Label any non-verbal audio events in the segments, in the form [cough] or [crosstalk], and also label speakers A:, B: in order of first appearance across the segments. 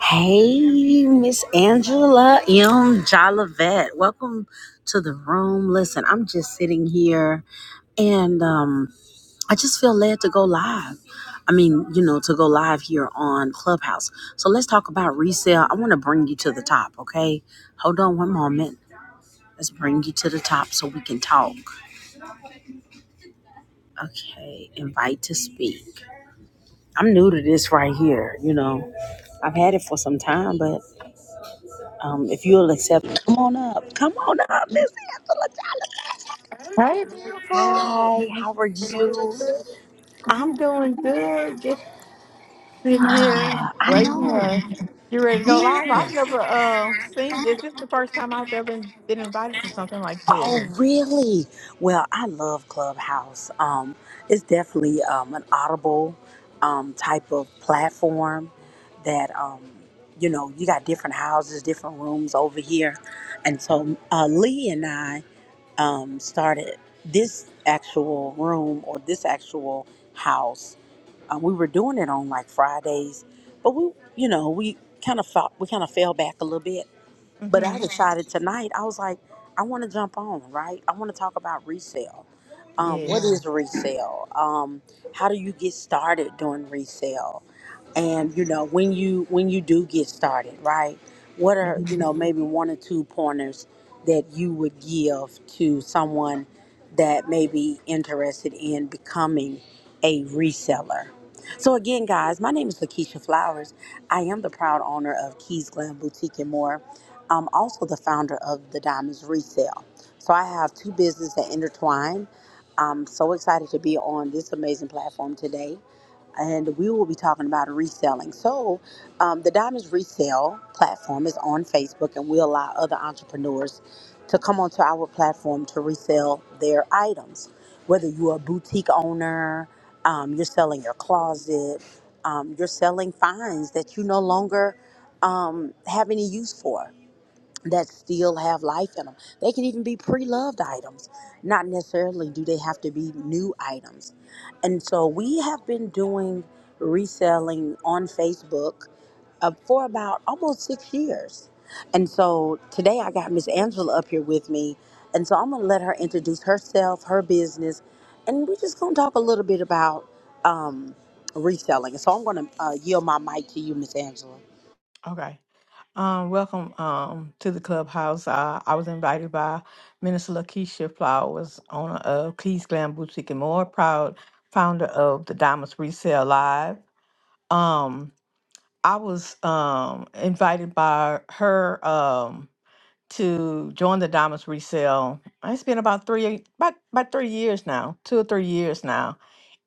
A: Hey, Miss Angela M. Jolivet. Welcome to the room. Listen, I'm just sitting here and um, I just feel led to go live. I mean, you know, to go live here on Clubhouse. So let's talk about resale. I want to bring you to the top, okay? Hold on one moment. Let's bring you to the top so we can talk. Okay, invite to speak. I'm new to this right here, you know. I've had it for some time, but. Um, if you'll accept, come on up. Come on up, Miss Angela.
B: Hey, beautiful.
A: Hi, how are you?
B: I'm doing good. Just sitting here
A: Ah, I
B: waiting.
A: know.
B: Uh, you ready to go live? I've
A: Yes.
B: never uh seen this. This is the first time I've ever been invited to something like this.
A: Oh, really? Well, I love Clubhouse. Um, it's definitely um, an audible um, type of platform that, um, you know, you got different houses, different rooms over here. And so uh, Lee and I um, started this actual room or this actual house Um, we were doing it on like Fridays, but we, you know, we kind of felt we kind of fell back a little bit. But I
B: Mm-hmm.
A: decided tonight, I was like, I want to jump on, right? I want to talk about resale. Um,
B: Yeah.
A: what Yeah. is resale? Um, how do you get started doing resale? and you know when you when you do get started right what are you
B: Mm-hmm.
A: know maybe one or two pointers that you would give to someone that may be interested in becoming a reseller so again guys my name is lakeisha flowers i am the proud owner of keys glam boutique and more i'm also the founder of the diamonds resale so i have two businesses that intertwine i'm so excited to be on this amazing platform today and we will be talking about reselling. So, um, the Diamonds Resale platform is on Facebook, and we allow other entrepreneurs to come onto our platform to resell their items. Whether you're a boutique owner, um, you're selling your closet, um, you're selling finds that you no longer um, have any use for that still have life in them. They can even be pre-loved items. Not necessarily do they have to be new items. And so we have been doing reselling on Facebook uh, for about almost six years. And so today I got Miss Angela up here with me. And so I'm going to let her introduce herself, her business, and we're just going to talk a little bit about um, reselling. So I'm going to uh, yield my mic to you, Miss Angela.
B: Okay. Um, welcome um to the clubhouse. Uh, I was invited by Minister Lakeisha Flowers, owner of Keys Glam Boutique and more, proud founder of the Diamonds Resale Live. Um, I was um, invited by her um, to join the Diamonds Resale. It's been about three, about, about three years now, two or three years now,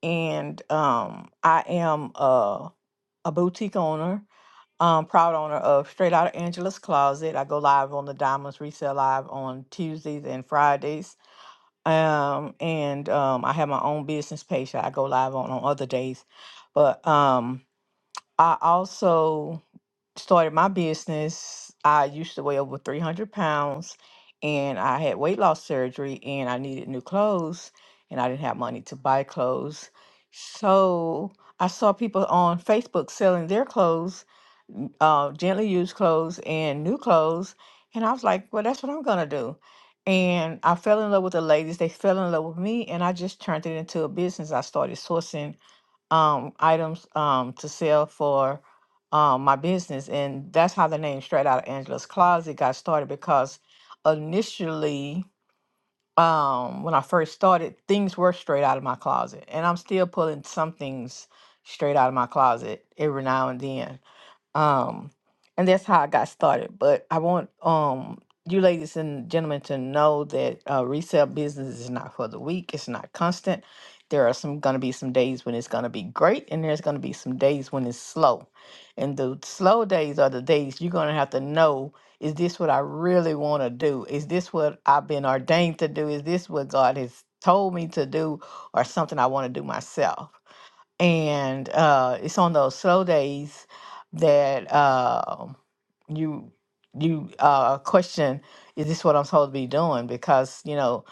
B: and um, I am a, a boutique owner, um, proud owner of Straight Out of Angela's Closet. I go live on the Diamonds Resale Live on Tuesdays and Fridays, um, and um, I have my own business page that I go live on on other days, but um, I also started my business, I used to weigh over 300 pounds and I had weight loss surgery and I needed new clothes and I didn't have money to buy clothes. So I saw people on Facebook selling their clothes, n- uh, gently used clothes and new clothes. And I was like, well, that's what I'm going to do. And I fell in love with the ladies. They fell in love with me and I just turned it into a business. I started sourcing um items um to sell for um my business and that's how the name straight out of angela's closet got started because initially um when i first started things were straight out of my closet and i'm still pulling some things straight out of my closet every now and then um and that's how i got started but i want um you ladies and gentlemen to know that uh, resale business is not for the weak it's not constant there are some going to be some days when it's going to be great and there's going to be some days when it's slow and the slow days are the days you're going to have to know is this what i really want to do is this what i've been ordained to do is this what god has told me to do or something i want to do myself and uh, it's on those slow days that uh, you you uh, question is this what I'm supposed to be doing? Because you know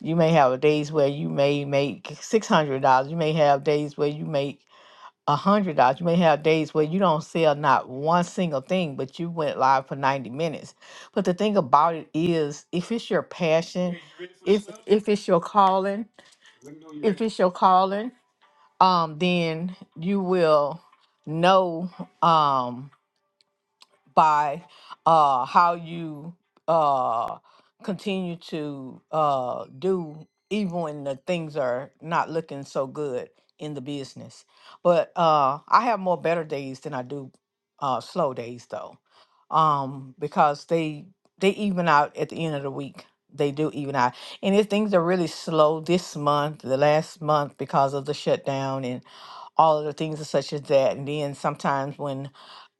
B: you may have days where you may make six hundred dollars, you may have days where you make a hundred dollars, you may have days where you don't sell not one single thing, but you went live for ninety minutes. But the thing about it is, if it's your passion, if if it's your calling, if it's your calling um, then you will know um, by uh, how you uh, continue to uh, do, even when the things are not looking so good in the business. But uh, I have more better days than I do uh, slow days, though, um, because they they even out at the end of the week. They do even out, and if things are really slow this month, the last month because of the shutdown, and all of the things and such as that. And then sometimes when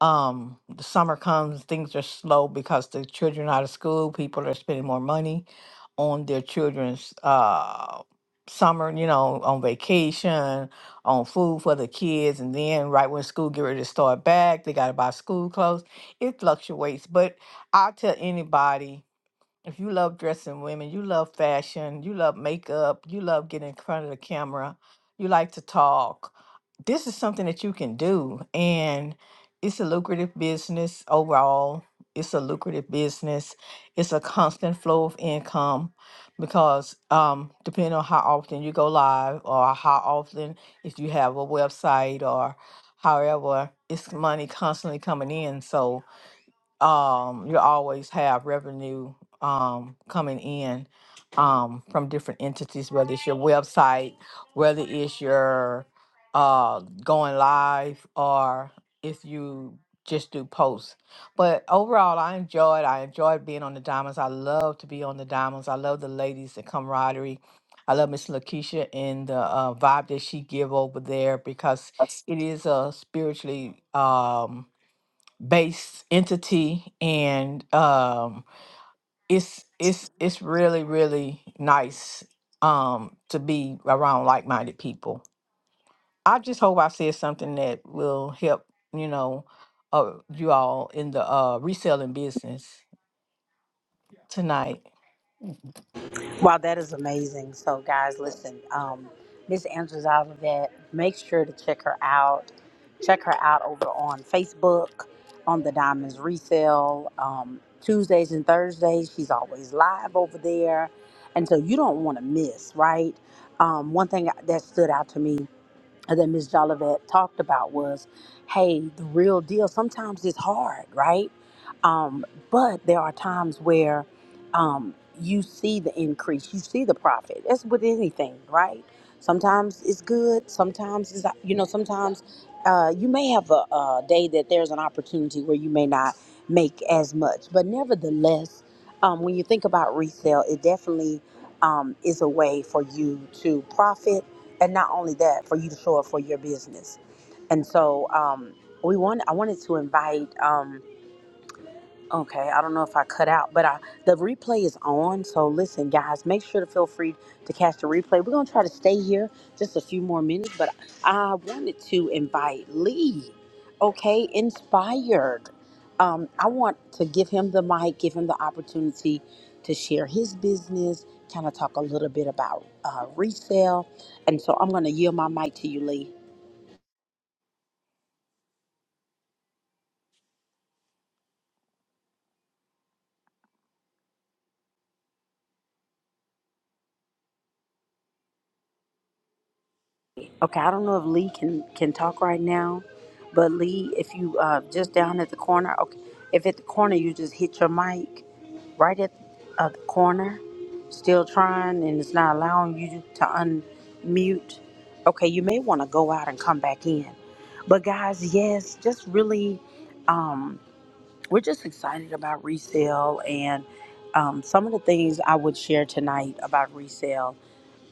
B: um, the summer comes, things are slow because the children out of school, people are spending more money on their children's uh, summer, you know, on vacation, on food for the kids. And then right when school get ready to start back, they got to buy school clothes. It fluctuates, but I'll tell anybody if you love dressing women, you love fashion, you love makeup, you love getting in front of the camera, you like to talk, this is something that you can do. And it's a lucrative business overall. It's a lucrative business. It's a constant flow of income because um, depending on how often you go live or how often if you have a website or however, it's money constantly coming in. So um, you always have revenue um, coming in um, from different entities, whether it's your website, whether it's your uh, going live, or if you just do posts. But overall, I enjoyed. I enjoyed being on the diamonds. I love to be on the diamonds. I love the ladies, the camaraderie. I love Miss Lakeisha and the uh, vibe that she give over there because it is a spiritually. Um, based entity and um it's it's it's really really nice um to be around like-minded people i just hope i said something that will help you know uh you all in the uh reselling business tonight
A: Wow, that is amazing. So, guys, listen, um, Miss Angela's Olivet, make sure to check her out. Check her out over on Facebook, on the Diamonds Resale. Um, Tuesdays and Thursdays, she's always live over there. And so you don't want to miss, right? Um, one thing that stood out to me that Ms. Jolivet talked about was, hey, the real deal. Sometimes it's hard, right? Um, but there are times where um, you see the increase, you see the profit. That's with anything, right? Sometimes it's good. Sometimes it's you know. Sometimes uh, you may have a, a day that there's an opportunity where you may not make as much, but nevertheless, um, when you think about resale, it definitely um, is a way for you to profit and not only that for you to show up for your business and so um, we want i wanted to invite Um, Okay, I don't know if I cut out, but I, the replay is on. So listen, guys, make sure to feel free to catch the replay. We're gonna try to stay here just a few more minutes, but I wanted to invite Lee. Okay, inspired. Um, I want to give him the mic, give him the opportunity to share his business, kind of talk a little bit about uh, resale, and so I'm gonna yield my mic to you, Lee. Okay, I don't know if Lee can can talk right now, but Lee, if you uh just down at the corner, okay, if at the corner you just hit your mic right at uh, the corner, still trying and it's not allowing you to unmute. Okay, you may want to go out and come back in. But guys, yes, just really, um, we're just excited about resale and um, some of the things I would share tonight about resale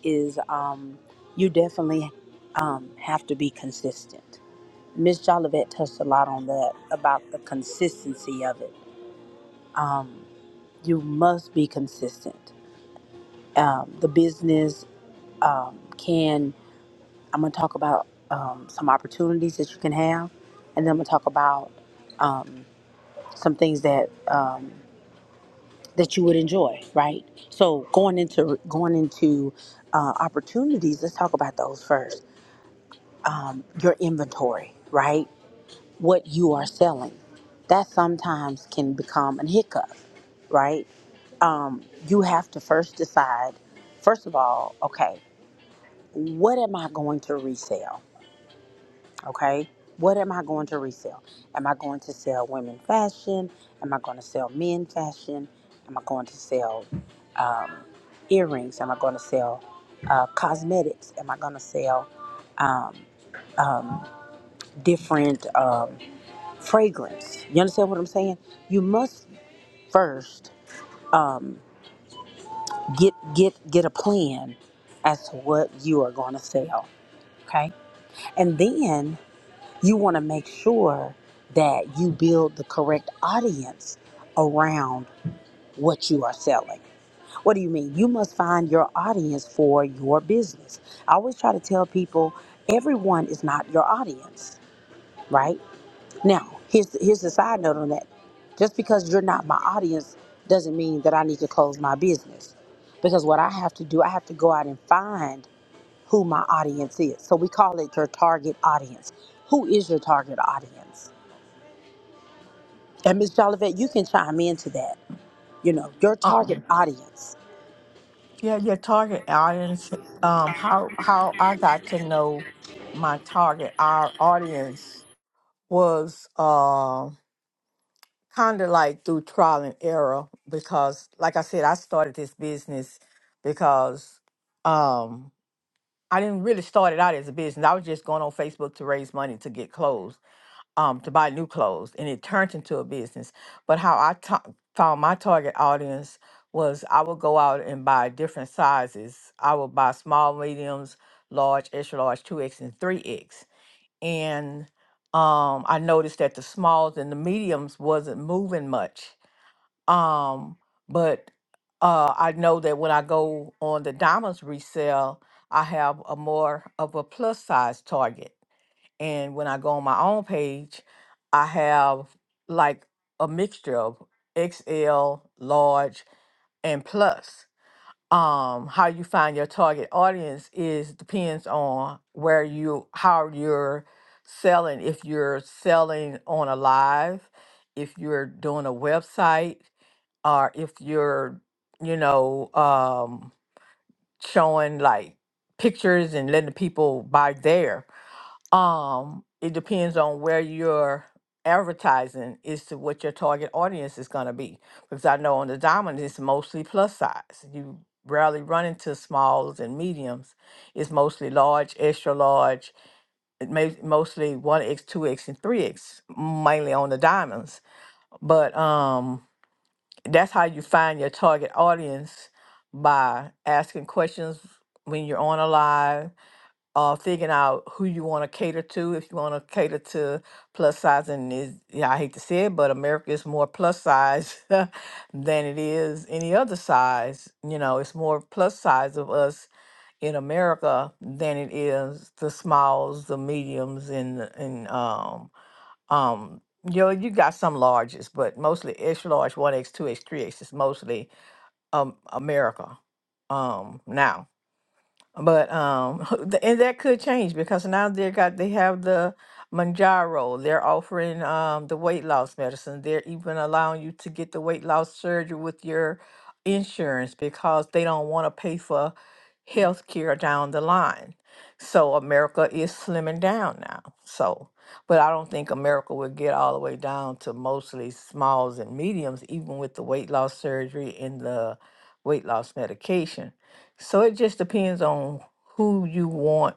A: is um, you definitely um, have to be consistent. Miss Jolivet touched a lot on that about the consistency of it. Um, you must be consistent. Um, the business um, can, I'm going to talk about um, some opportunities that you can have, and then I'm going to talk about um, some things that. Um, that you would enjoy, right? So going into going into uh, opportunities, let's talk about those first um, your inventory, right? What you are selling. That sometimes can become a hiccup, right? Um, you have to first decide, first of all, okay, what am I going to resell? Okay, what am I going to resell? Am I going to sell women fashion? Am I going to sell men fashion? Am I going to sell um, earrings? Am I going to sell uh, cosmetics? Am I going to sell um, um, different um, fragrance. You understand what I'm saying? You must first um, get get get a plan as to what you are going to sell, okay? And then you want to make sure that you build the correct audience around what you are selling. What do you mean? You must find your audience for your business. I always try to tell people everyone is not your audience, right? Now, here's here's the side note on that. Just because you're not my audience doesn't mean that I need to close my business. Because what I have to do, I have to go out and find who my audience is. So we call it your target audience. Who is your target audience? And Miss Jolivet, you can chime into that. You know, your target
B: um
A: audience.
B: yeah your target audience um how how i got to know my target our audience was uh, kind of like through trial and error because like i said i started this business because um i didn't really start it out as a business i was just going on facebook to raise money to get clothes um to buy new clothes and it turned into a business but how I ta- found my target audience was i would go out and buy different sizes i would buy small mediums large extra large 2x and 3x and um, I noticed that the smalls and the mediums wasn't moving much. Um, but uh, I know that when I go on the diamonds resale, I have a more of a plus size target. And when I go on my own page, I have like a mixture of XL, large, and plus. Um, how you find your target audience is depends on where you how you're selling. If you're selling on a live, if you're doing a website, or if you're, you know, um, showing like pictures and letting the people buy there. Um, it depends on where you're advertising is to what your target audience is going to be. Because I know on the diamond, it's mostly plus size. You rarely run into smalls and mediums. It's mostly large, extra large, it may, mostly 1X, 2X, and 3X, mainly on the diamonds. But um, that's how you find your target audience by asking questions when you're on a live or figuring out who you want to cater to if you want to cater to plus size and is yeah i hate to say it but america is more plus size [laughs] than it is any other size you know it's more plus size of us in america than it is the smalls the mediums and the- and um um, yo, you got some larges, but mostly extra large, one X, two X, three X is mostly um America. Um, now. But um, [laughs] th- and that could change because now they got they have the Manjaro. They're offering um the weight loss medicine. They're even allowing you to get the weight loss surgery with your insurance because they don't want to pay for health care down the line. So America is slimming down now. So, but I don't think America will get all the way down to mostly smalls and mediums, even with the weight loss surgery and the weight loss medication so it just depends on who you want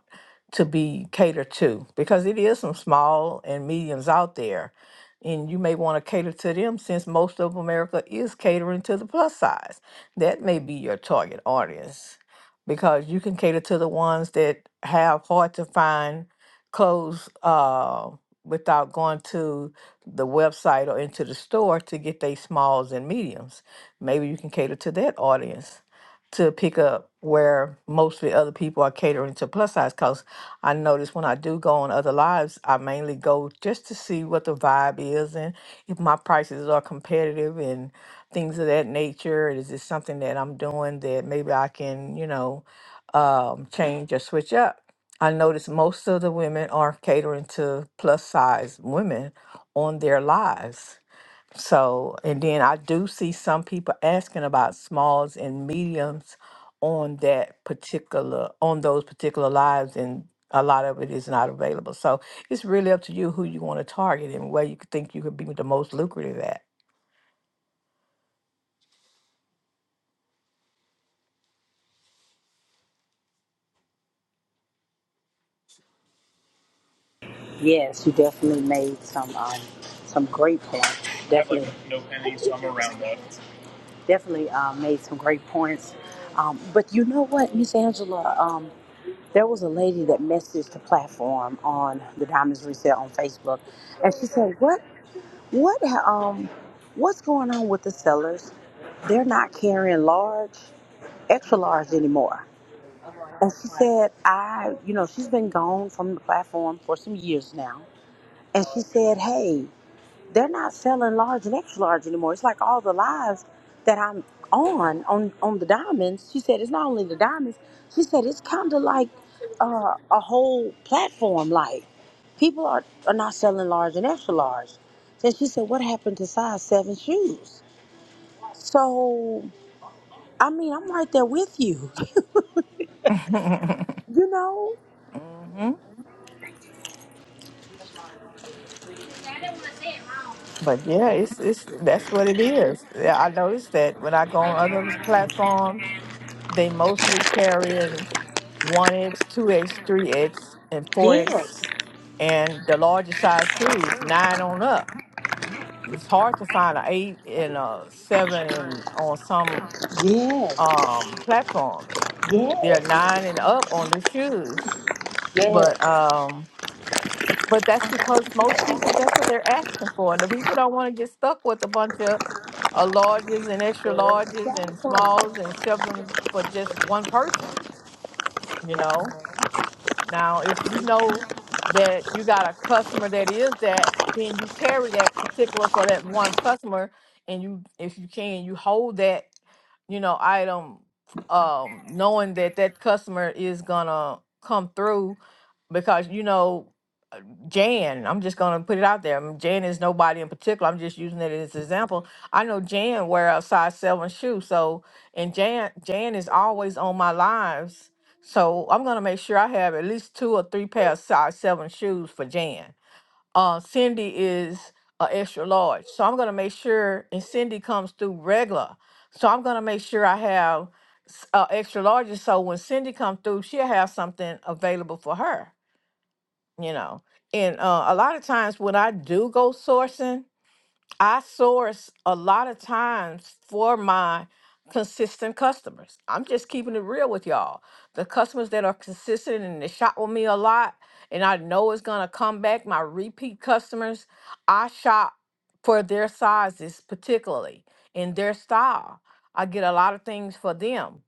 B: to be catered to because it is some small and mediums out there. And you may want to cater to them since most of America is catering to the plus size. That may be your target audience because you can cater to the ones that have hard to find clothes uh, without going to the website or into the store to get their smalls and mediums. Maybe you can cater to that audience to pick up where most of the other people are catering to plus size because I notice when I do go on other lives, I mainly go just to see what the vibe is and if my prices are competitive and things of that nature. Is this something that I'm doing that maybe I can, you know, um, change or switch up? I notice most of the women are catering to plus size women on their lives. So, and then I do see some people asking about smalls and mediums on that particular, on those particular lives, and a lot of it is not available. So it's really up to you who you want to target and where you could think you could be the most lucrative at.
A: Yes, you definitely made some um, some great points. Definitely. definitely uh, made some great points. Um, but you know what, Miss Angela, um, there was a lady that messaged the platform on the Diamonds Resale on Facebook, and she said, "What, what, um, what's going on with the sellers? They're not carrying large, extra large anymore." And she said, "I, you know, she's been gone from the platform for some years now." And she said, "Hey." they're not selling large and extra large anymore. It's like all the lives that I'm on on on the diamonds. She said it's not only the diamonds. She said it's kind of like uh, a whole platform. Like people are are not selling large and extra large. Then she said, "What happened to size seven shoes?" So I mean, I'm right there with you.
B: [laughs]
A: You know?
B: hmm But yeah, it's it's that's what it is. Yeah, I noticed that when I go on other platforms, they mostly carry one X, two X, three X, and four X
A: Yes,
B: and the larger size shoes, nine on up. It's hard to find an eight and a seven and on some
A: yes,
B: um platforms.
A: yes,
B: They're nine and up on the shoes.
A: yes.
B: But um but that's because most people that's what they're asking for. the people don't want to get stuck with a bunch of uh, larges and extra
A: There is a
B: larges and
A: California.
B: smalls and seven for just one person, you know. Now, if you know that you got a customer that is that, then you carry that particular for that one customer, and you, if you can, you hold that, you know, item, um, knowing that that customer is gonna come through, because you know Jan, I'm just gonna put it out there. um, Jan is nobody in particular. I'm just using it as an example. I know Jan wear a size seven shoe, so and Jan Jan is always on my lives. So I'm gonna make sure I have at least two or three pair of size seven shoes for Jan. Uh, Cindy is a extra large, so I'm gonna make sure. And Cindy comes through regular, so I'm gonna make sure I have s- uh, extra large. So when Cindy comes through, she'll have something available for her you know and uh, a lot of times when i do go sourcing i source a lot of times for my consistent customers i'm just keeping it real with y'all the customers that are consistent and they shop with me a lot and i know it's going to come back my repeat customers i shop for their sizes particularly and their style i get a lot of things for them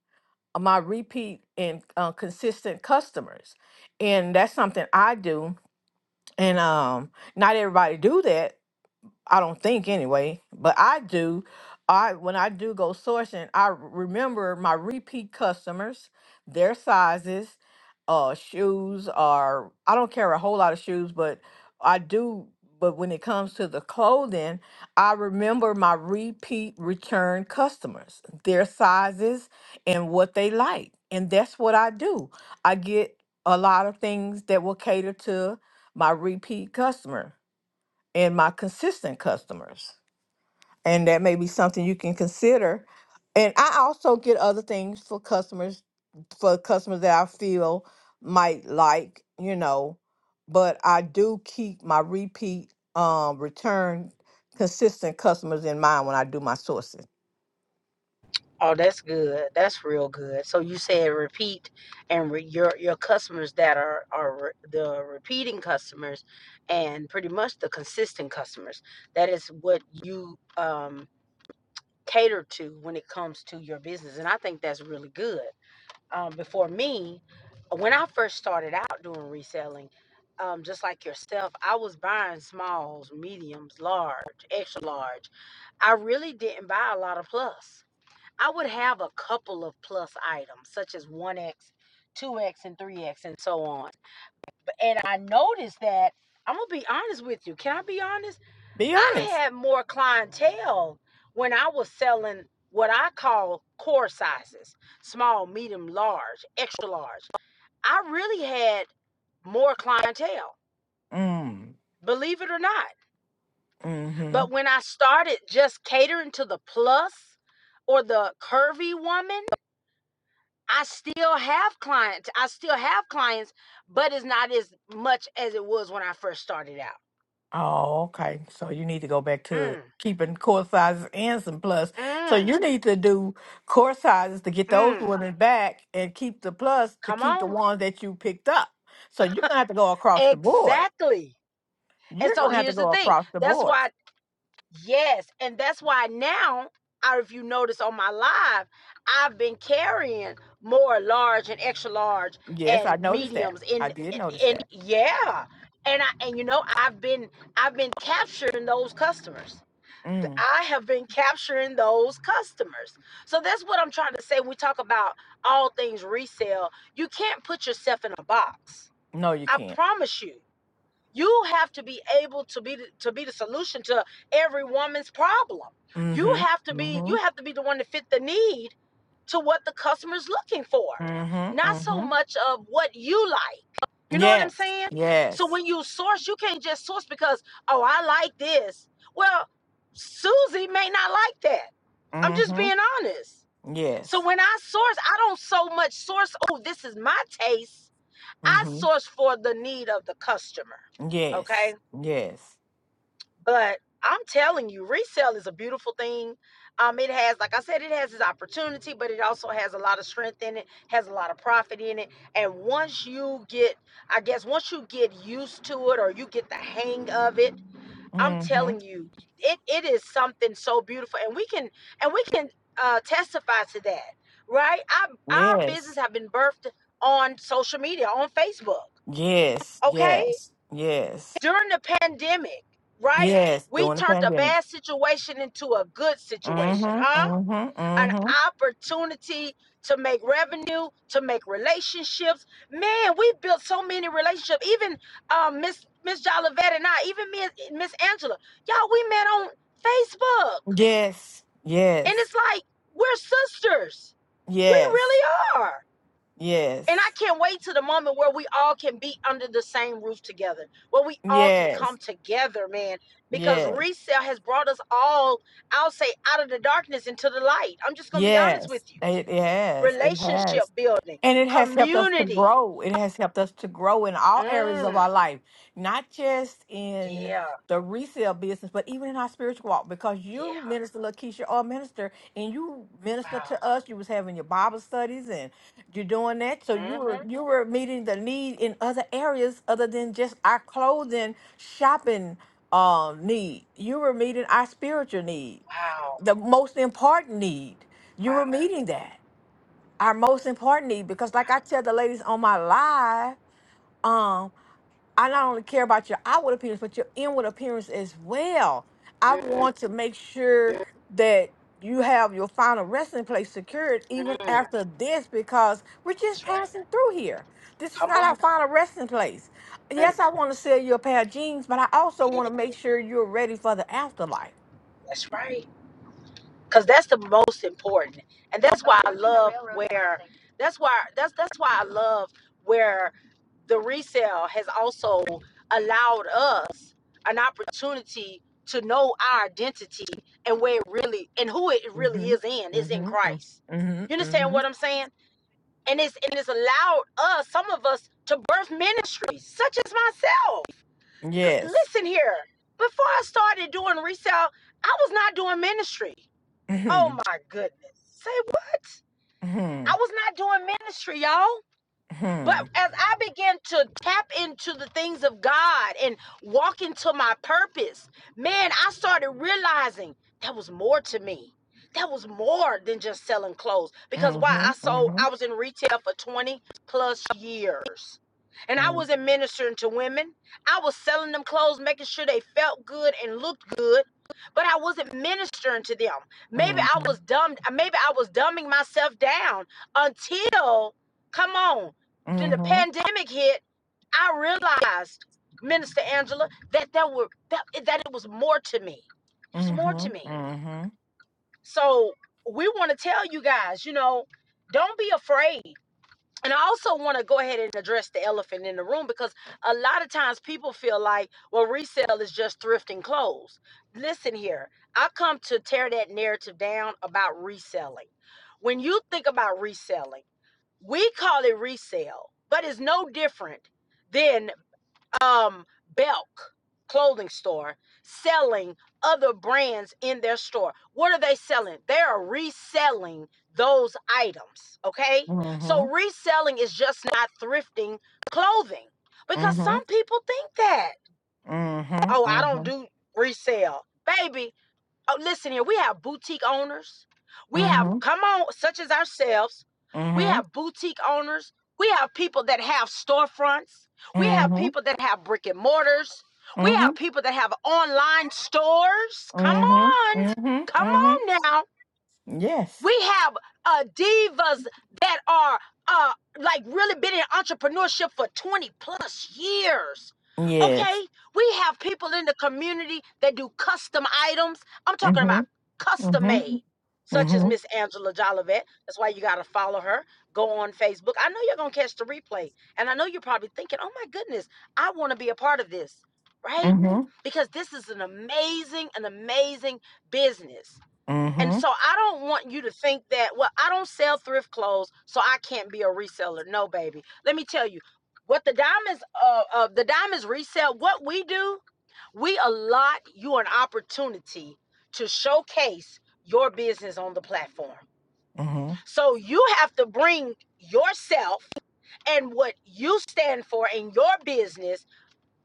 B: my repeat and uh, consistent customers and that's something i do and um not everybody do that I don't think anyway, but I do. I when I do go sourcing, I remember my repeat customers, their sizes, uh shoes are I don't carry a whole lot of shoes, but I do but when it comes to the clothing, I remember my repeat return customers, their sizes and what they like. And that's what I do. I get a lot of things that will cater to my repeat customer and my consistent customers. And that may be something you can consider. And I also get other things for customers, for customers that I feel might like, you know, but I do keep my repeat um return consistent customers in mind when I do my sourcing.
A: Oh, that's good. That's real good. So you said repeat and re- your your customers that are are re- the repeating customers and pretty much the consistent customers. That is what you um cater to when it comes to your business and I think that's really good. Um before me, when I first started out doing reselling, um, just like yourself, I was buying smalls, mediums, large, extra large. I really didn't buy a lot of plus. I would have a couple of plus items, such as 1X, 2X, and 3X, and so on. And I noticed that, I'm going to be honest with you. Can I be honest?
B: Be
A: I
B: honest.
A: had more clientele when I was selling what I call core sizes small, medium, large, extra large. I really had more clientele,
B: Mm.
A: believe it or not.
B: Hmm.
A: But when I started just catering to the plus or the curvy woman, I still have clients. I still have clients, but it's not as much as it was when I first started out.
B: Oh, okay. So you need to go back to
A: Mm,
B: keeping core sizes and some plus. So
A: mm,
B: you need to do core sizes to get those
A: mm.
B: women back and keep the plus to
A: Come
B: keep the
A: on.
B: ones that you picked up. So you're gonna have to go across the board.
A: Exactly. And
B: You're
A: so
B: gonna have to
A: here's the
B: go
A: thing.
B: across the
A: That's
B: board.
A: why, yes. And that's why now, I, if you notice on my live, I've been carrying more large and extra large
B: Yes, I
A: and
B: noticed that.
A: mediums
B: I
A: in,
B: did notice
A: and
B: that.
A: yeah. And I, and you know, I've been, I've been capturing those customers.
B: Mm.
A: I have been capturing those customers. So that's what I'm trying to say. We talk about all things resale. You can't put yourself in a box.
B: No, you
A: I
B: can't.
A: promise you. You have to be able to be the, to be the solution to every woman's problem. You
B: Mm-hmm.
A: have to be
B: Mm-hmm.
A: you have to be the one to fit the need to what the customer's looking for.
B: Mm-hmm.
A: Not so
B: Mm-hmm.
A: much of what you like. You know what I'm
B: Yes.
A: saying? So
B: Yes.
A: when you source, you can't just source because, oh, I like this. Well, Susie may not like that. I'm just
B: Mm-hmm.
A: being honest. So
B: Yes.
A: when I source, I don't so much source, oh, this is my taste. I
B: Mm-hmm.
A: source for the need of the customer. Okay.
B: Yes. Yes.
A: But I'm telling you, resale is a beautiful thing. Um, it has, like I said, it has its opportunity, but it also has a lot of strength in it, has a lot of profit in it. And once you get, I guess, once you get used to it or you get the hang of it, I'm
B: Mm-hmm.
A: telling you, it, it is something so beautiful. And we can, and we can uh, testify to that, right? I, our business
B: Yes.
A: have been birthed on social media, on Facebook.
B: Yes.
A: Okay
B: Yes. Yes.
A: during the pandemic, right?
B: Yes.
A: We
B: During the
A: turned a
B: pandemic.
A: bad situation into a good situation,
B: Mm-hmm.
A: huh?
B: Mm-hmm.
A: An
B: Mm-hmm.
A: opportunity to make revenue, to make relationships. Man, we built so many relationships. Even um, Miss Miss Jolivet and I, even me and Miss Angela, y'all, we met on Facebook,
B: Yes.
A: and
B: Yes.
A: it's like we're sisters. We
B: Yes.
A: really are. And I
B: Yes.
A: can't wait to the moment where we all can be under the same roof together, where we all can come
B: Yes.
A: together, man, because
B: Yes.
A: resale has brought us all, I'll say, out of the darkness into the light. I'm just going to be honest
B: Yes.
A: with you.
B: It has. It
A: Relationship
B: has.
A: building,
B: And it has helped us to
A: community.
B: grow. It has helped us to grow in all areas of
A: Mm,
B: our life, not just in
A: yeah,
B: the resale business, but even in our spiritual walk. Because you,
A: yeah,
B: Minister Lakeisha, or minister, and you minister
A: wow.
B: to us. You was having your Bible studies, and you're doing that. So you
A: Mm-hmm.
B: were you were meeting the need in other areas other than just our clothing shopping um, need. You were meeting our spiritual need,
A: Wow,
B: the most important need. You were
A: wow,
B: meeting that our most important need because like I
A: wow,
B: tell the ladies on my live, um, I
A: wow.
B: not only care about your outward appearance, but your inward appearance as well. I
A: Mm,
B: want to make sure that you have your final resting place secured even
A: mm,
B: after this because we're just
A: that's right.
B: passing through here. This is
A: Come
B: not our
A: on.
B: final resting place
A: Mm,
B: yes, I want to sell you a pair of jeans, but I also
A: yeah,
B: want to make sure you're ready for the afterlife.
A: that's right. because that's the most important and that's why i love where that's why that's that's why i love where the resale has also allowed us an opportunity to know our identity and where it really and who it really
B: Mm-hmm.
A: is in is in
B: Mm-hmm. mm,
A: christ
B: Mm-hmm.
A: you understand
B: Mm-hmm.
A: what i'm saying and it's and it's allowed us some of us to birth ministries such as myself G-
B: Yes.
A: listen here before i started doing resale i was not doing ministry Oh
B: Mm-hmm.
A: my goodness. Say what?
B: Mm-hmm.
A: I was not doing ministry, y'all. But
B: Mm-hmm.
A: as I began to tap into the things of God and walk into my purpose, man, I started realizing that was more to me. That was more than just selling clothes. Because why?
B: Mm-hmm.
A: I sold, I was in retail for 20 plus years. And I
B: Mm-hmm.
A: wasn't ministering to women. I was selling them clothes, making sure they felt good and looked good. But I wasn't ministering to them. Maybe I
B: mm-hmm.
A: was dumb, maybe I was dumbing myself down until Come on. Then the
B: Mhm.
A: pandemic hit. I realized, Minister Angela, that there were that, that it was more to me. There's more to
B: Mhm.
A: me.
B: Mhm.
A: So we want to tell you guys, you know, don't be afraid. And I also want to go ahead and address the elephant in the room because a lot of times people feel like, well, resale is just thrifting clothes. Listen here, I come to tear that narrative down about reselling. When you think about reselling, we call it resale, but it's no different than um Belk clothing store selling other brands in their store. What are they selling? They are reselling those items, okay? So
B: Mhm.
A: reselling is just not thrifting clothing because
B: Mhm.
A: some people think that, "Oh, I don't
B: Mhm.
A: do resale." Baby, Oh, listen here. We have boutique owners. We have,
B: Mhm.
A: come on, such as ourselves. We
B: Mhm.
A: have boutique owners. We have people that have storefronts. We have
B: Mhm.
A: people that have brick and mortars. We have
B: Mhm. Mhm.
A: people that have online stores. Come
B: Mhm.
A: on.
B: Mhm.
A: Come
B: Mhm.
A: on now.
B: Yes.
A: We have uh, divas that are uh, like really been in entrepreneurship for 20 plus years. Okay,
B: Yes.
A: we have people in the community that do custom items. I'm talking about
B: Mhm.
A: custom made,
B: Mhm.
A: such as
B: Mhm.
A: Miss Angela Jolivet. That's why you got to follow her. Go on Facebook. I know you're going to catch the replay. And I know you're probably thinking, oh my goodness, I want to be a part of this, right?
B: Mhm.
A: Because this is an amazing, an amazing business. And
B: Mhm.
A: so I don't want you to think that, well, I don't sell thrift clothes, so I can't be a reseller. No, baby. Let me tell you what the diamonds uh, uh the diamonds resell, what we do, we allot you an opportunity to showcase your business on the platform.
B: Mhm.
A: So you have to bring yourself and what you stand for in your business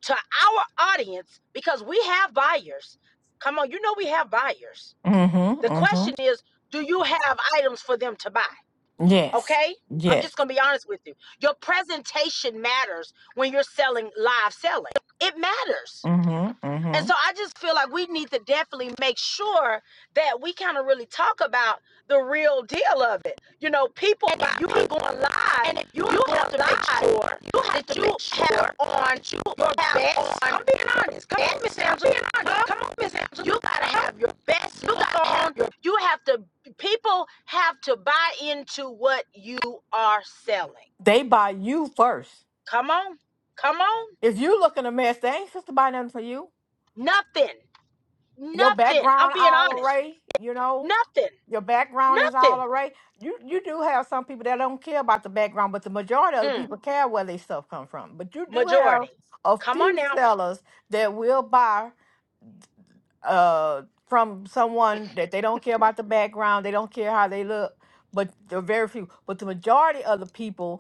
A: to our audience because we have buyers. Come on, you know we have buyers
B: Mhm.
A: the question
B: Mhm.
A: is, do you have items for them to buy?
B: Yes.
A: Okay? I'm just
B: Yes.
A: going to be honest with you. Your presentation matters when you're selling live selling. It matters.
B: Mhm.
A: And
B: Mhm.
A: so I just feel like we need to definitely make sure that we kind of really talk about the real deal of it. You know, people, and if you are going live, and if you, you have to live, make sure you have that to you sure have on you your best. I'm being honest. Come on, Miss Angela. come on, Miss Angela. You gotta have your best. You gotta have your. You have to. People have to buy into what you are selling.
B: They buy you first.
A: Come on, come on.
B: If you look in a mess, they ain't supposed to buy nothing for you.
A: Nothing,
B: Your
A: nothing. I'm
B: background
A: being
B: all
A: honest.
B: array, you know.
A: Nothing.
B: your background is all
A: Nothing.
B: alright. You you do have some people that don't care about the background, but the majority of the
A: Hmm.
B: people care where they stuff come from. But you do
A: Majority.
B: have a
A: Come on
B: few
A: now.
B: sellers that will buy uh from someone that they don't care about the background, they don't care how they look, but they're very few. But the majority of the people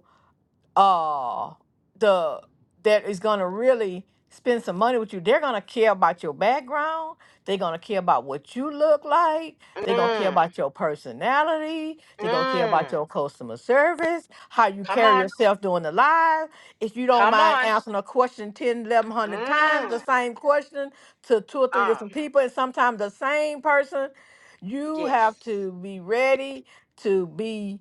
B: uh the that is going to really spend some money with you they're going to care about your background they're going to care about what you look like they're going to care
A: Mm.
B: about your personality they're going to care
A: Mm.
B: about your customer service how you
A: Come
B: carry
A: on.
B: yourself during the live if you don't
A: Come
B: mind
A: on.
B: answering a question ten, eleven, hundred times the
A: Mm.
B: same question to two or three
A: Um.
B: different people and sometimes the same person you have
A: Yes.
B: to be ready to be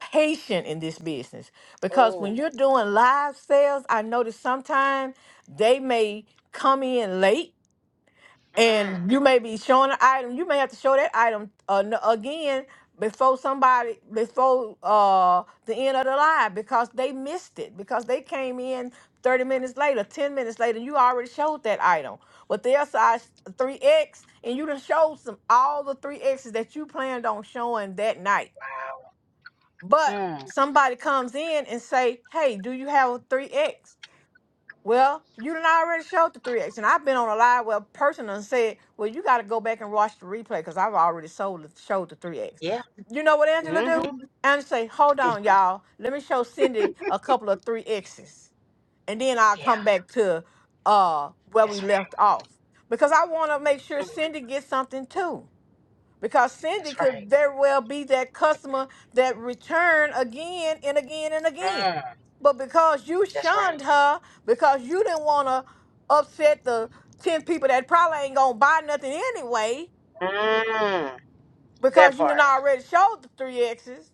B: patient in this business because when
A: Oh.
B: you're doing live sales, I notice sometimes they may come in late
A: Mm.
B: and you may be showing an item. You may have to show that item uh, n- again before somebody before uh the end of the live because they missed it because they came in 30 minutes later 10 minutes later and you already showed that item but their size 3x and you done showed some all the 3x's that you planned on showing that night but
A: Mm.
B: somebody comes in and say, "Hey, do you have a three X?" Well, you done already showed the three X, and I've been on a live where a person done said, "Well, you got to go back and watch the replay because I've already sold the, showed the three X."
A: Yeah.
B: You know what Angela
A: Mm-hmm.
B: do? Angela say, "Hold on, y'all. Let me show Cindy a couple of three X's, and then I'll
A: Yeah.
B: come back to uh where
A: That's
B: we
A: right.
B: left off because I want to make sure
A: Mm.
B: Cindy gets something too." because Cindy
A: That's
B: could
A: right.
B: very well be that customer that returned again and again and again.
A: Mm.
B: But because you
A: That's right.
B: shunned her, because you didn't want to upset the 10 people that probably ain't going to buy nothing anyway,
A: Mm. That
B: because you done
A: part.
B: already showed the three X's,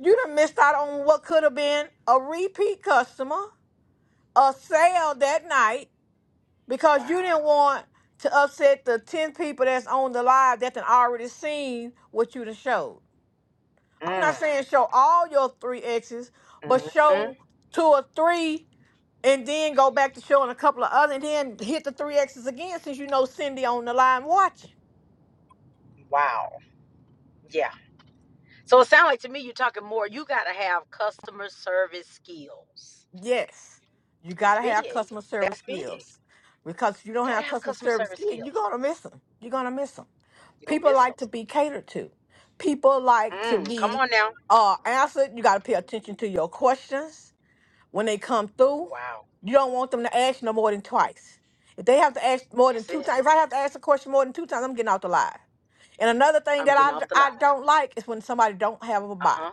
B: you done missed out on what could have been a repeat customer, a sale that night, because
A: Wow.
B: you didn't want to upset the 10 people that's on the live that done already seen what you done showed. I'm
A: Mm.
B: not saying show all your three exes, but
A: Mm-hmm.
B: show two or three and then go back to showing a couple of other and then hit the three exes again since you know Cindy on the line watching.
A: Wow. Yeah. So it sounds like to me you're talking more. You gotta have customer service skills.
B: Yes. You
A: It's
B: gotta have
A: big.
B: customer service
A: That's big.
B: skills. Because if you don't
A: Gotta
B: have
A: have
B: customer
A: customer
B: service
A: service
B: skills, you're
A: skills.
B: gonna miss them. You're gonna miss them.
A: You gonna
B: People
A: miss them.
B: like to be catered to. People like to
A: Mm, come
B: be
A: on now.
B: uh answered. You gotta pay attention to your questions when they come through,
A: Wow.
B: you don't want them to ask no more than twice. If they have to ask more than
A: That's
B: two
A: it.
B: times, if I have to ask a question more than two times, I'm getting out the live. And another thing
A: I'm
B: that I
A: getting off the line.
B: I d- I don't like is when somebody don't have a
A: Uh
B: bot.
A: huh.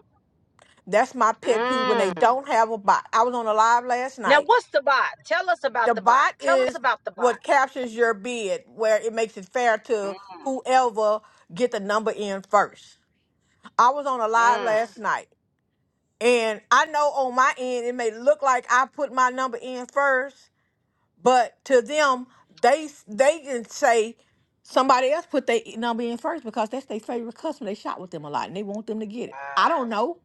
B: That's my pet peeve when they
A: Mm.
B: don't have a bot. I was on a live last
A: Now,
B: night.
A: what's the bot? Tell us
B: The
A: about the bot.
B: bot
A: Tell us
B: is
A: about the bot.
B: what captures your bid, where it makes it fair
A: Mm.
B: to whoever get the number in first. I was on a live
A: mm.
B: last night, and I know on my end it may look like I put my number in first, But to them, they they can say somebody else put their number in first because that's their favorite customer. They shop with them a lot and they want them to get it. I
A: Wow.
B: don't know.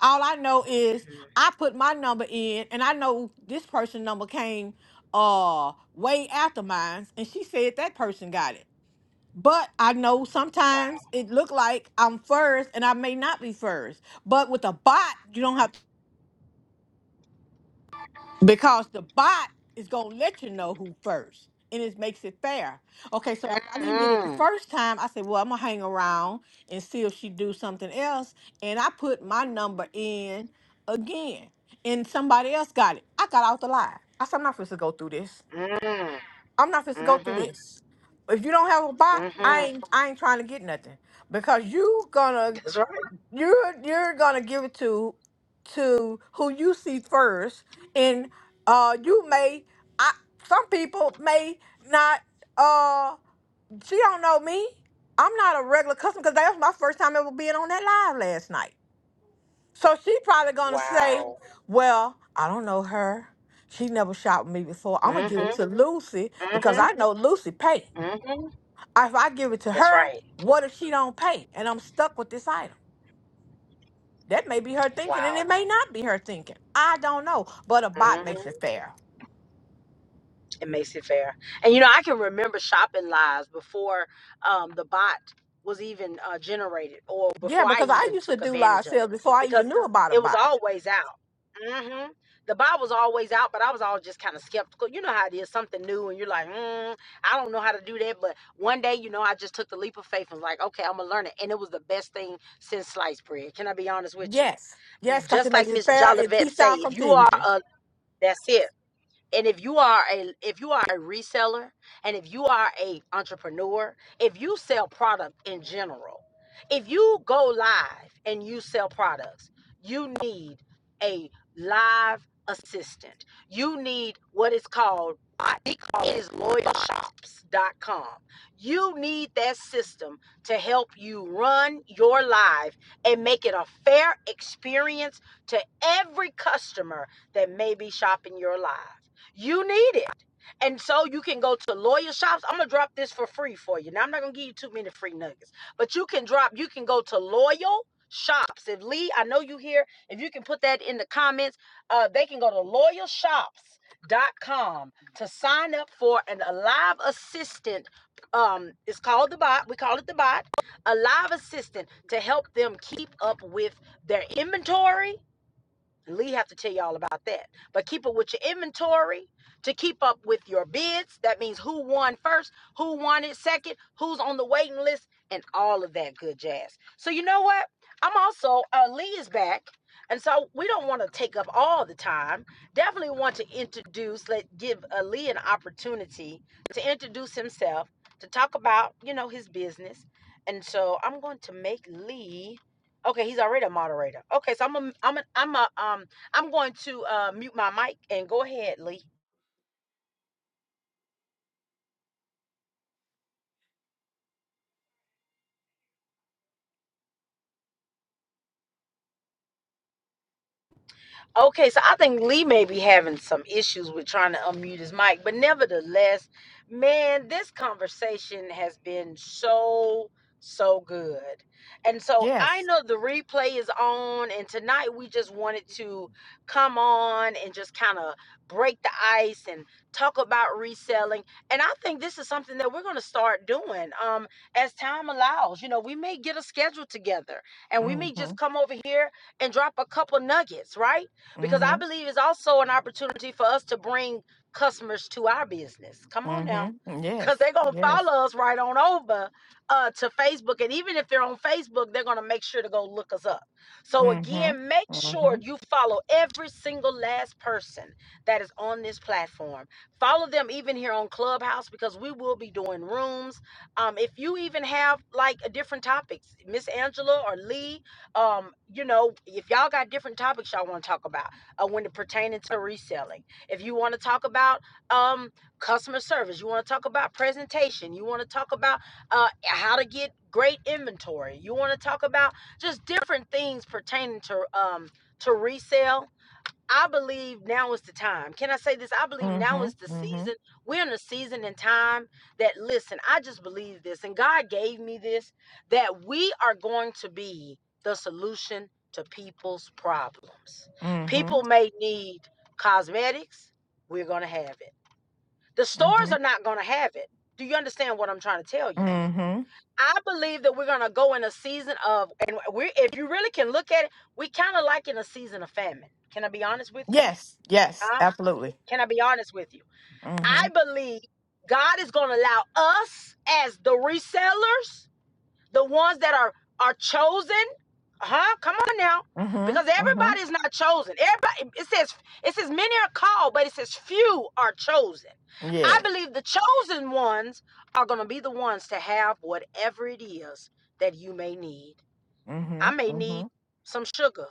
B: All I know is
A: Mhm.
B: I put my number in and I know this person number came uh way after mine and she said that person got it. But I know
A: Wow.
B: sometimes it look like I'm first and I may not be first. But with a bot, you don't have Because the bot is gonna let you know who first, and it makes it fair. Okay, so I, I didn't get it the
A: Mm.
B: first time. I said, well, I'm gonna hang around and see if she do something else, and I put my number in again, and somebody else got it. I got out the line. I said, I'm not supposed to go through this.
A: Mm.
B: I'm not supposed to go through
A: Mm-hmm.
B: this. If you don't have a bot, I
A: Mm-hmm.
B: ain't I ain't trying to get nothing because you gonna
A: That's right.
B: you're you're gonna give it to to who you see first and uh you may i some people may not uh she don't know me i'm not a regular customer because that was my first time ever being on that live last night so she probably gonna say
A: Wow.
B: well i don't know her she never shot with me before i'm gonna give it
A: Mm-hmm.
B: to lucy because
A: Mm-hmm.
B: i know lucy pay
A: Mm-hmm.
B: if i give it to
A: That's
B: her
A: right.
B: what if she don't pay and i'm stuck with this item That may be her thinking, and
A: Wow.
B: it may not be her thinking. I don't know. But a bot
A: Mmm.
B: makes it fair.
A: It makes it Fair. And you know, I can remember shopping lives before um, the bot was even uh, generated, or
B: Yeah,
A: before I
B: because I
A: even
B: used to
A: took
B: do live
A: advantage of
B: sales
A: it,
B: before I
A: because
B: even knew about a
A: it was
B: bot.
A: always out. hmm The bot was always out, but I was all just kind of skeptical. You know how it is, something new, and you're like, mm, I don't know how to do that. But one day, you know, I just took the leap of faith and was like, okay, I'm gonna learn it, and it was the best thing since sliced bread. Can I be honest with you?
B: Yes. Yes, because it
A: Just like
B: makes it
A: Miss
B: fair. It
A: Jolivet
B: keeps
A: say,
B: out
A: if you are
B: confusion.
A: a, that's it and if you are a if you are a reseller and if you are a entrepreneur if you sell product in general if you go live and you sell products you need a live assistant you need what is called they call it is loyalshops.com you need that system to help you run your live and make it a fair experience to every customer that may be shopping your live you need it. And so you can go to lawyer shops. I'm gonna drop this for free for you. Now I'm not gonna give you too many free nuggets, but you can drop. You can go to loyal shops. If Lee, I know you here. If you can put that in the comments, uh, they can go to loyalshops.com to sign up for an Alive Assistant. Um, it's called the bot. We call it the bot. A live assistant to help them keep up with their inventory Lee have to tell you all about that. But keep up with your inventory to keep up with your bids. That means who won first, who won it second, who's on the waiting list, and all of that good jazz. So you know what? I'm also uh, Lee is back, and so we don't want to take up all the time. Definitely want to introduce, let give uh, Lee an opportunity to introduce himself, to talk about you know his business, and so I'm going to make Lee Okay, he's already a moderator. Okay, so I'm a, I'm a, I'm a, um I'm going to uh mute my mic and go ahead, Lee. Okay, so I think Lee may be having some issues with trying to unmute his mic, but nevertheless, man, this conversation has been so, so good. And so I
B: Yes.
A: know the replay is on, and tonight we just wanted to come on and just kind of break the ice and talk about reselling. And I think this is something that we're going to start doing um, as time allows. You know, we may get a schedule together and we may
B: Mm-hmm.
A: just come over here and drop a couple nuggets, right? because I
B: Mm-hmm.
A: believe it's also an opportunity for us to bring customers to our business. Come on now.
B: Mm-hmm. Yes.
A: Because they're going to
B: Yes.
A: follow us right on over uh, to Facebook. And even if they're on Facebook, they're going to make sure to go look us up. So,
B: Mm-hmm.
A: again, make sure
B: Mm-hmm.
A: you follow every single last person that is on this platform. Follow them even here on Clubhouse because we will be doing rooms. Um, if you even have like a different topics, Miss Angela or Lee, um, you know, if y'all got different topics y'all want to talk about uh, when it pertains to reselling. If you want to talk about um, customer service, you want to talk about presentation, you want to talk about uh, how to get great inventory, you want to talk about just different things pertaining to um, to resale I believe now is the time. Can I say this? I believe now
B: Mm-hmm.
A: is the season.
B: Mm-hmm.
A: We're in a season and time that, listen, I just believe this, and God gave me this that we are going to be the solution to people's problems.
B: Mm-hmm.
A: People may need cosmetics, we're going to have it. The stores
B: Mm-hmm.
A: are not going to have it. Do you understand what I'm trying to tell you?
B: Mm-hmm.
A: I believe that we're going to go in a season of, and we if you really can look at it, we kind of like in a season of famine. Can I be honest with you?
B: Yes. Yes.
A: Huh?
B: Absolutely.
A: Can I be honest with you?
B: Mm-hmm.
A: I believe God is going to allow us as the resellers, the ones that are are chosen. Huh? Come on now. Because
B: Mm-hmm.
A: everybody
B: Mm-hmm.
A: is not chosen. Everybody it says it says many are called, but it says few are chosen. I
B: Yes.
A: believe the chosen ones are going to be the ones to have whatever it is that you may need.
B: Mm-hmm.
A: I may need
B: Mm-hmm.
A: some sugar.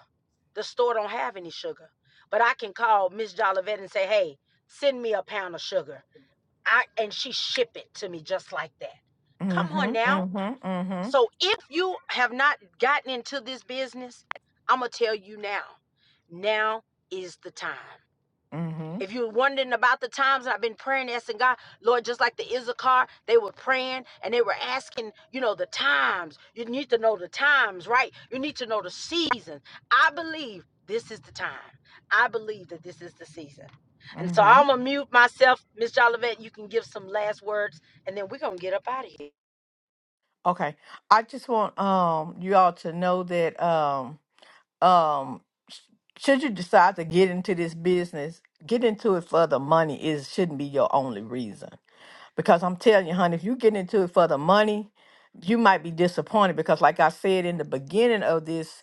A: The store don't have any sugar, but I can call Miss Jolivet and say, "Hey, send me a pound of sugar." I and she ship it to me just like that. Come on
B: Mm-hmm.
A: now.
B: Mm-hmm. Mm-hmm.
A: So if you have not gotten into this business, I'm gonna tell you now. Now is the time.
B: Mm-hmm.
A: If you're wondering about the times I've been praying, asking God, Lord, just like the Issachar, they were praying and they were asking, you know, the times. You need to know the times, right? You need to know the season. I believe this is the time. I believe that this is the season. And so
B: mm-hmm.
A: I'm going to mute myself. Miss Jolivet, you can give some last words and then we're going to get up out of here.
B: Okay. I just want um you all to know that um um sh- should you decide to get into this business, get into it for the money is shouldn't be your only reason. Because I'm telling you, honey, if you get into it for the money, you might be disappointed because like I said in the beginning of this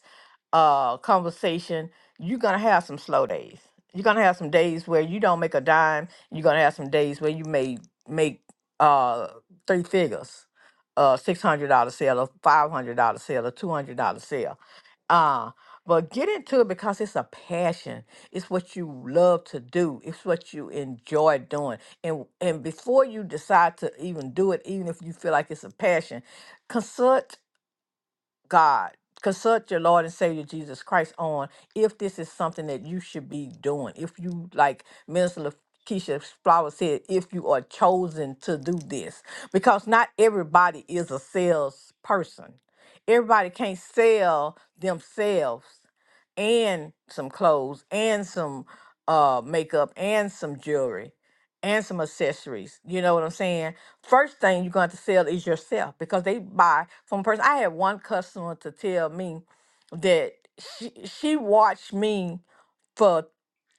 B: uh conversation you're gonna have some slow days you're gonna have some days where you don't make a dime you're gonna have some days where you may make uh three figures uh six hundred dollar sale or five hundred dollar sale or two hundred dollar sale uh but get into it because it's a passion it's what you love to do it's what you enjoy doing and and before you decide to even do it even if you feel like it's a passion God, consult your Lord and Savior Jesus Christ on if this is something that you should be doing. If you, like Minister Keisha Flower said, if you are chosen to do this, because not everybody is a salesperson. Everybody can't sell themselves and some clothes and some uh makeup and some jewelry and some accessories. You know what I'm saying? First thing you're going to have to sell is yourself because they buy from a person. I had one customer to tell me that she, she watched me for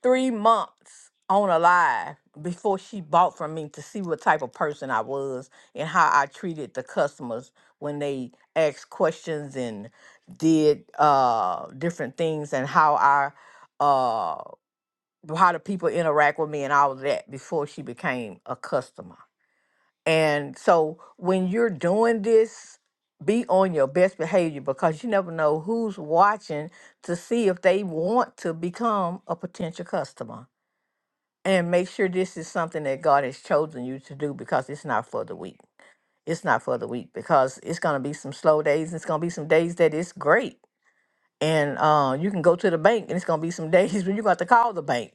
B: three months on a live before she bought from me to see what type of person I was and how I treated the customers when they asked questions and did uh, different things and how I uh, how the people interact with me and all of that before she became a customer. And so when you're doing this, be on your best behavior because you never know who's watching to see if they want to become a potential customer. And make sure this is something that God has chosen you to do because it's not for the weak. It's not for the weak because it's going to be some slow days. It's going to be some days that it's great and uh, you can go to the bank and it's going to be some days [laughs] when you're going to have to call the bank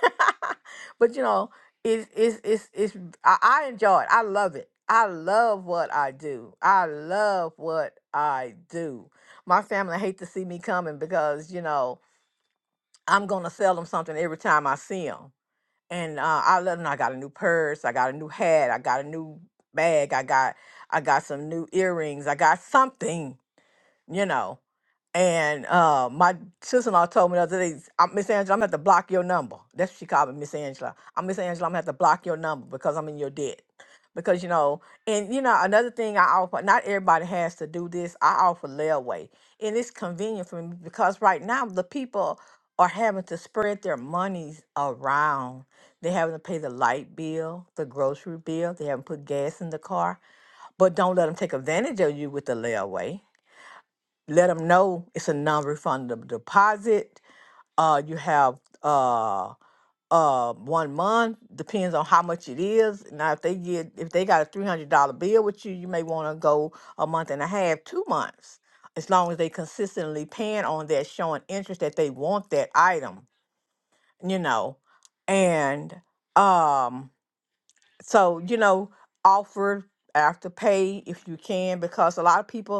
B: [laughs] but you know it's it's it's, it's I, I enjoy it i love it i love what i do i love what i do my family hate to see me coming because you know i'm going to sell them something every time i see them and uh, i let them i got a new purse i got a new hat i got a new bag i got i got some new earrings i got something you know. And uh, my sister-in-law told me the other day, i Miss Angela, I'm gonna have to block your number. That's what she called me, Miss Angela. I'm Miss Angela, I'm gonna have to block your number because I'm in your debt. Because you know, and you know, another thing I offer, not everybody has to do this. I offer layaway, and it's convenient for me because right now the people are having to spread their monies around. They're having to pay the light bill, the grocery bill. They haven't put gas in the car, but don't let them take advantage of you with the layaway let them know it's a non-refundable deposit. Uh, you have uh uh one month depends on how much it is. Now, if they get if they got a three hundred dollar bill with you, you may want to go a month and a half, two months, as long as they consistently paying on that, showing interest that they want that item. You know, and um, so you know, offer after pay if you can, because a lot of people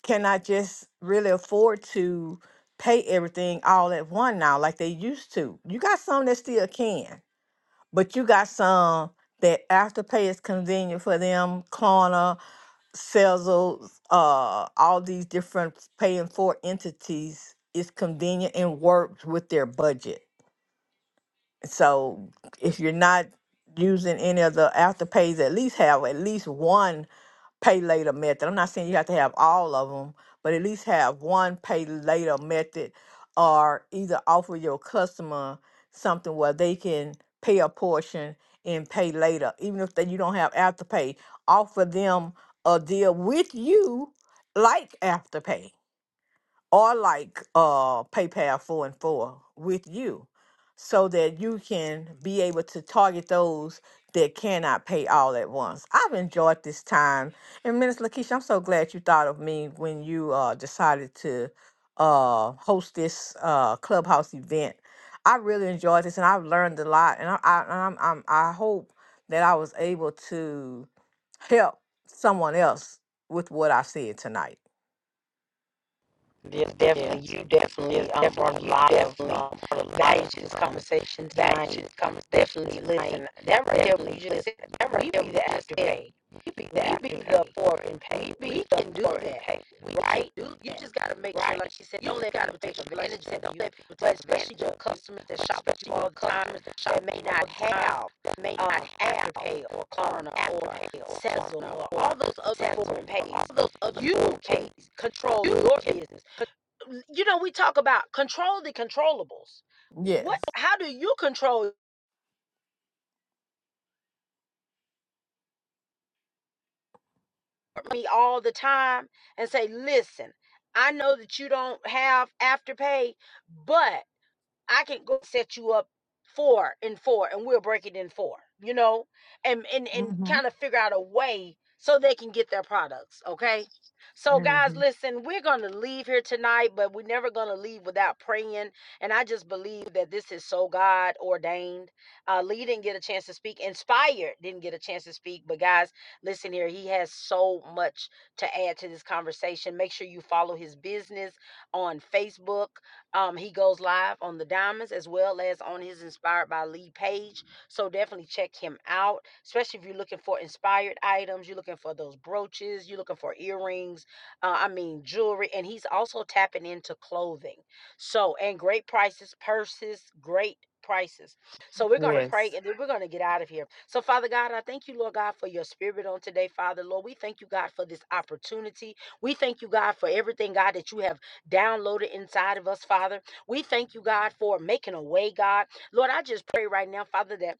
B: cannot just really afford to pay everything all at one now like they used to. You got some that still can, but you got some that afterpay is convenient for them, Klarna, Sezzle, uh, all these different paying for entities is convenient and works with their budget. So if you're not using any of the afterpays, at least have at least one pay later method. I'm not saying you have to have all of them, but at least have one pay later method or either offer your customer something where they can pay a portion and pay later. Even if they, you don't have afterpay, offer them a deal with you like afterpay or like uh PayPal four and four with you so that you can be able to target those that cannot pay all at once. I've enjoyed this time. And Minister Lakeisha, I'm so glad you thought of me when you uh decided to uh host this uh clubhouse event. I really enjoyed this and I've learned a lot and I I I'm, I'm I hope that I was able to help someone else with what I said tonight.
A: Yes, definitely. You definitely um, brought a lot of um, value to this conversation tonight. Definitely listen. That right there, you just said, that right there, You be the afterpay. You be the forward and pay. We can do that, right? You just got to make sure, like she said, don't let people take advantage of you, but especially your customers that shop at you all the time that may not have that may not have pay or Klarna or Sezzle or all those other forward and pays. You can control your business. You know, we talk about control the controllables. What
B: Yes.
A: how do you control your money all the time and say, listen, I know that you don't have afterpay, but I can go set you up four and four, and we'll break it in four, you know, and and and
B: Mm-hmm.
A: kind of figure out a way so they can get their products. Okay. So
B: hmm
A: guys, listen, we're gonna leave here tonight, but we're never gonna leave without praying. And I just believe that this is so God ordained. Uh Lee didn't get a chance to speak. Inspired didn't get a chance to speak. But guys, listen here. He has so much to add to this conversation. Make sure you follow his business on Facebook um, he goes live on the Diamonds as well as on his Inspired by Lee page. So definitely check him out, especially if you're looking for inspired items. You're looking for those brooches. You're looking for earrings. Uh, I mean, jewelry. And he's also tapping into clothing. So, and great prices, purses, great prices. So we're going to pray
B: Yes.
A: and then we're going to get out of here. So, Father God, I thank you, Lord God, for your spirit on today, Father. Lord, we thank you, God, for this opportunity. We thank you, God, for everything, God, that you have downloaded inside of us, Father. We thank you, God, for making a way, God. Lord, I just pray right now, Father, that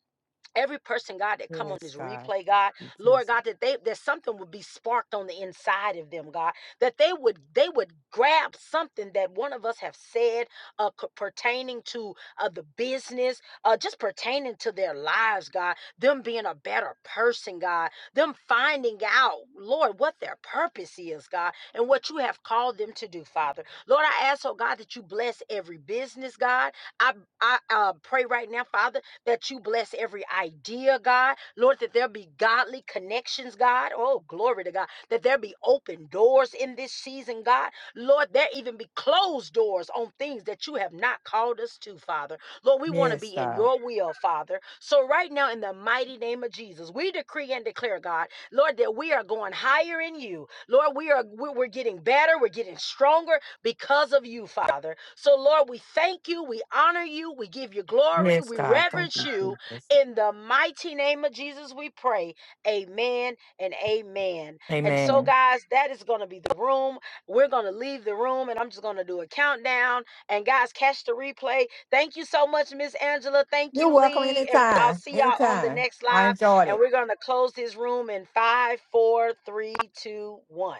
A: every person god that come on
B: Yes,
A: this
B: God.
A: replay god
B: Thank you,
A: lord
B: Jesus.
A: god that they that something would be sparked on the inside of them god that they would they would grab something that one of us have said uh c- pertaining to uh the business uh just pertaining to their lives god them being a better person god them finding out lord what their purpose is god and what you have called them to do father lord i ask oh god that you bless every business god i i uh, pray right now father that you bless every idea, God. Lord, that there be godly connections, God. Oh, glory to God. That there be open doors in this season, God. Lord, there even be closed doors on things that you have not called us to, Father. Lord, we want to
B: Yes,
A: be in
B: God.
A: your will, Father. So, right now, in the mighty name of Jesus, we decree and declare, God, Lord, that we are going higher in you. Lord, we are we- we're getting better, we're getting stronger, because of you, Father. So, Lord, we thank you, we honor you, we give you glory,
B: Yes,
A: we
B: God. Thank
A: reverence
B: you,
A: you.
B: Jesus.
A: In the mighty name of Jesus, we pray. Amen and amen. And so,
B: Amen.
A: guys, that is going to be the room. We're going to leave the room and I'm just going to do a countdown. And, guys, catch the replay. Thank you so much, Miss Angela. Thank
B: You're
A: you,
B: welcome
A: Lee. And I'll
B: anytime.
A: see y'all on the
B: Anytime.
A: next
B: I
A: live.
B: enjoyed it.
A: And we're going to close this room in five, four, three, two, one.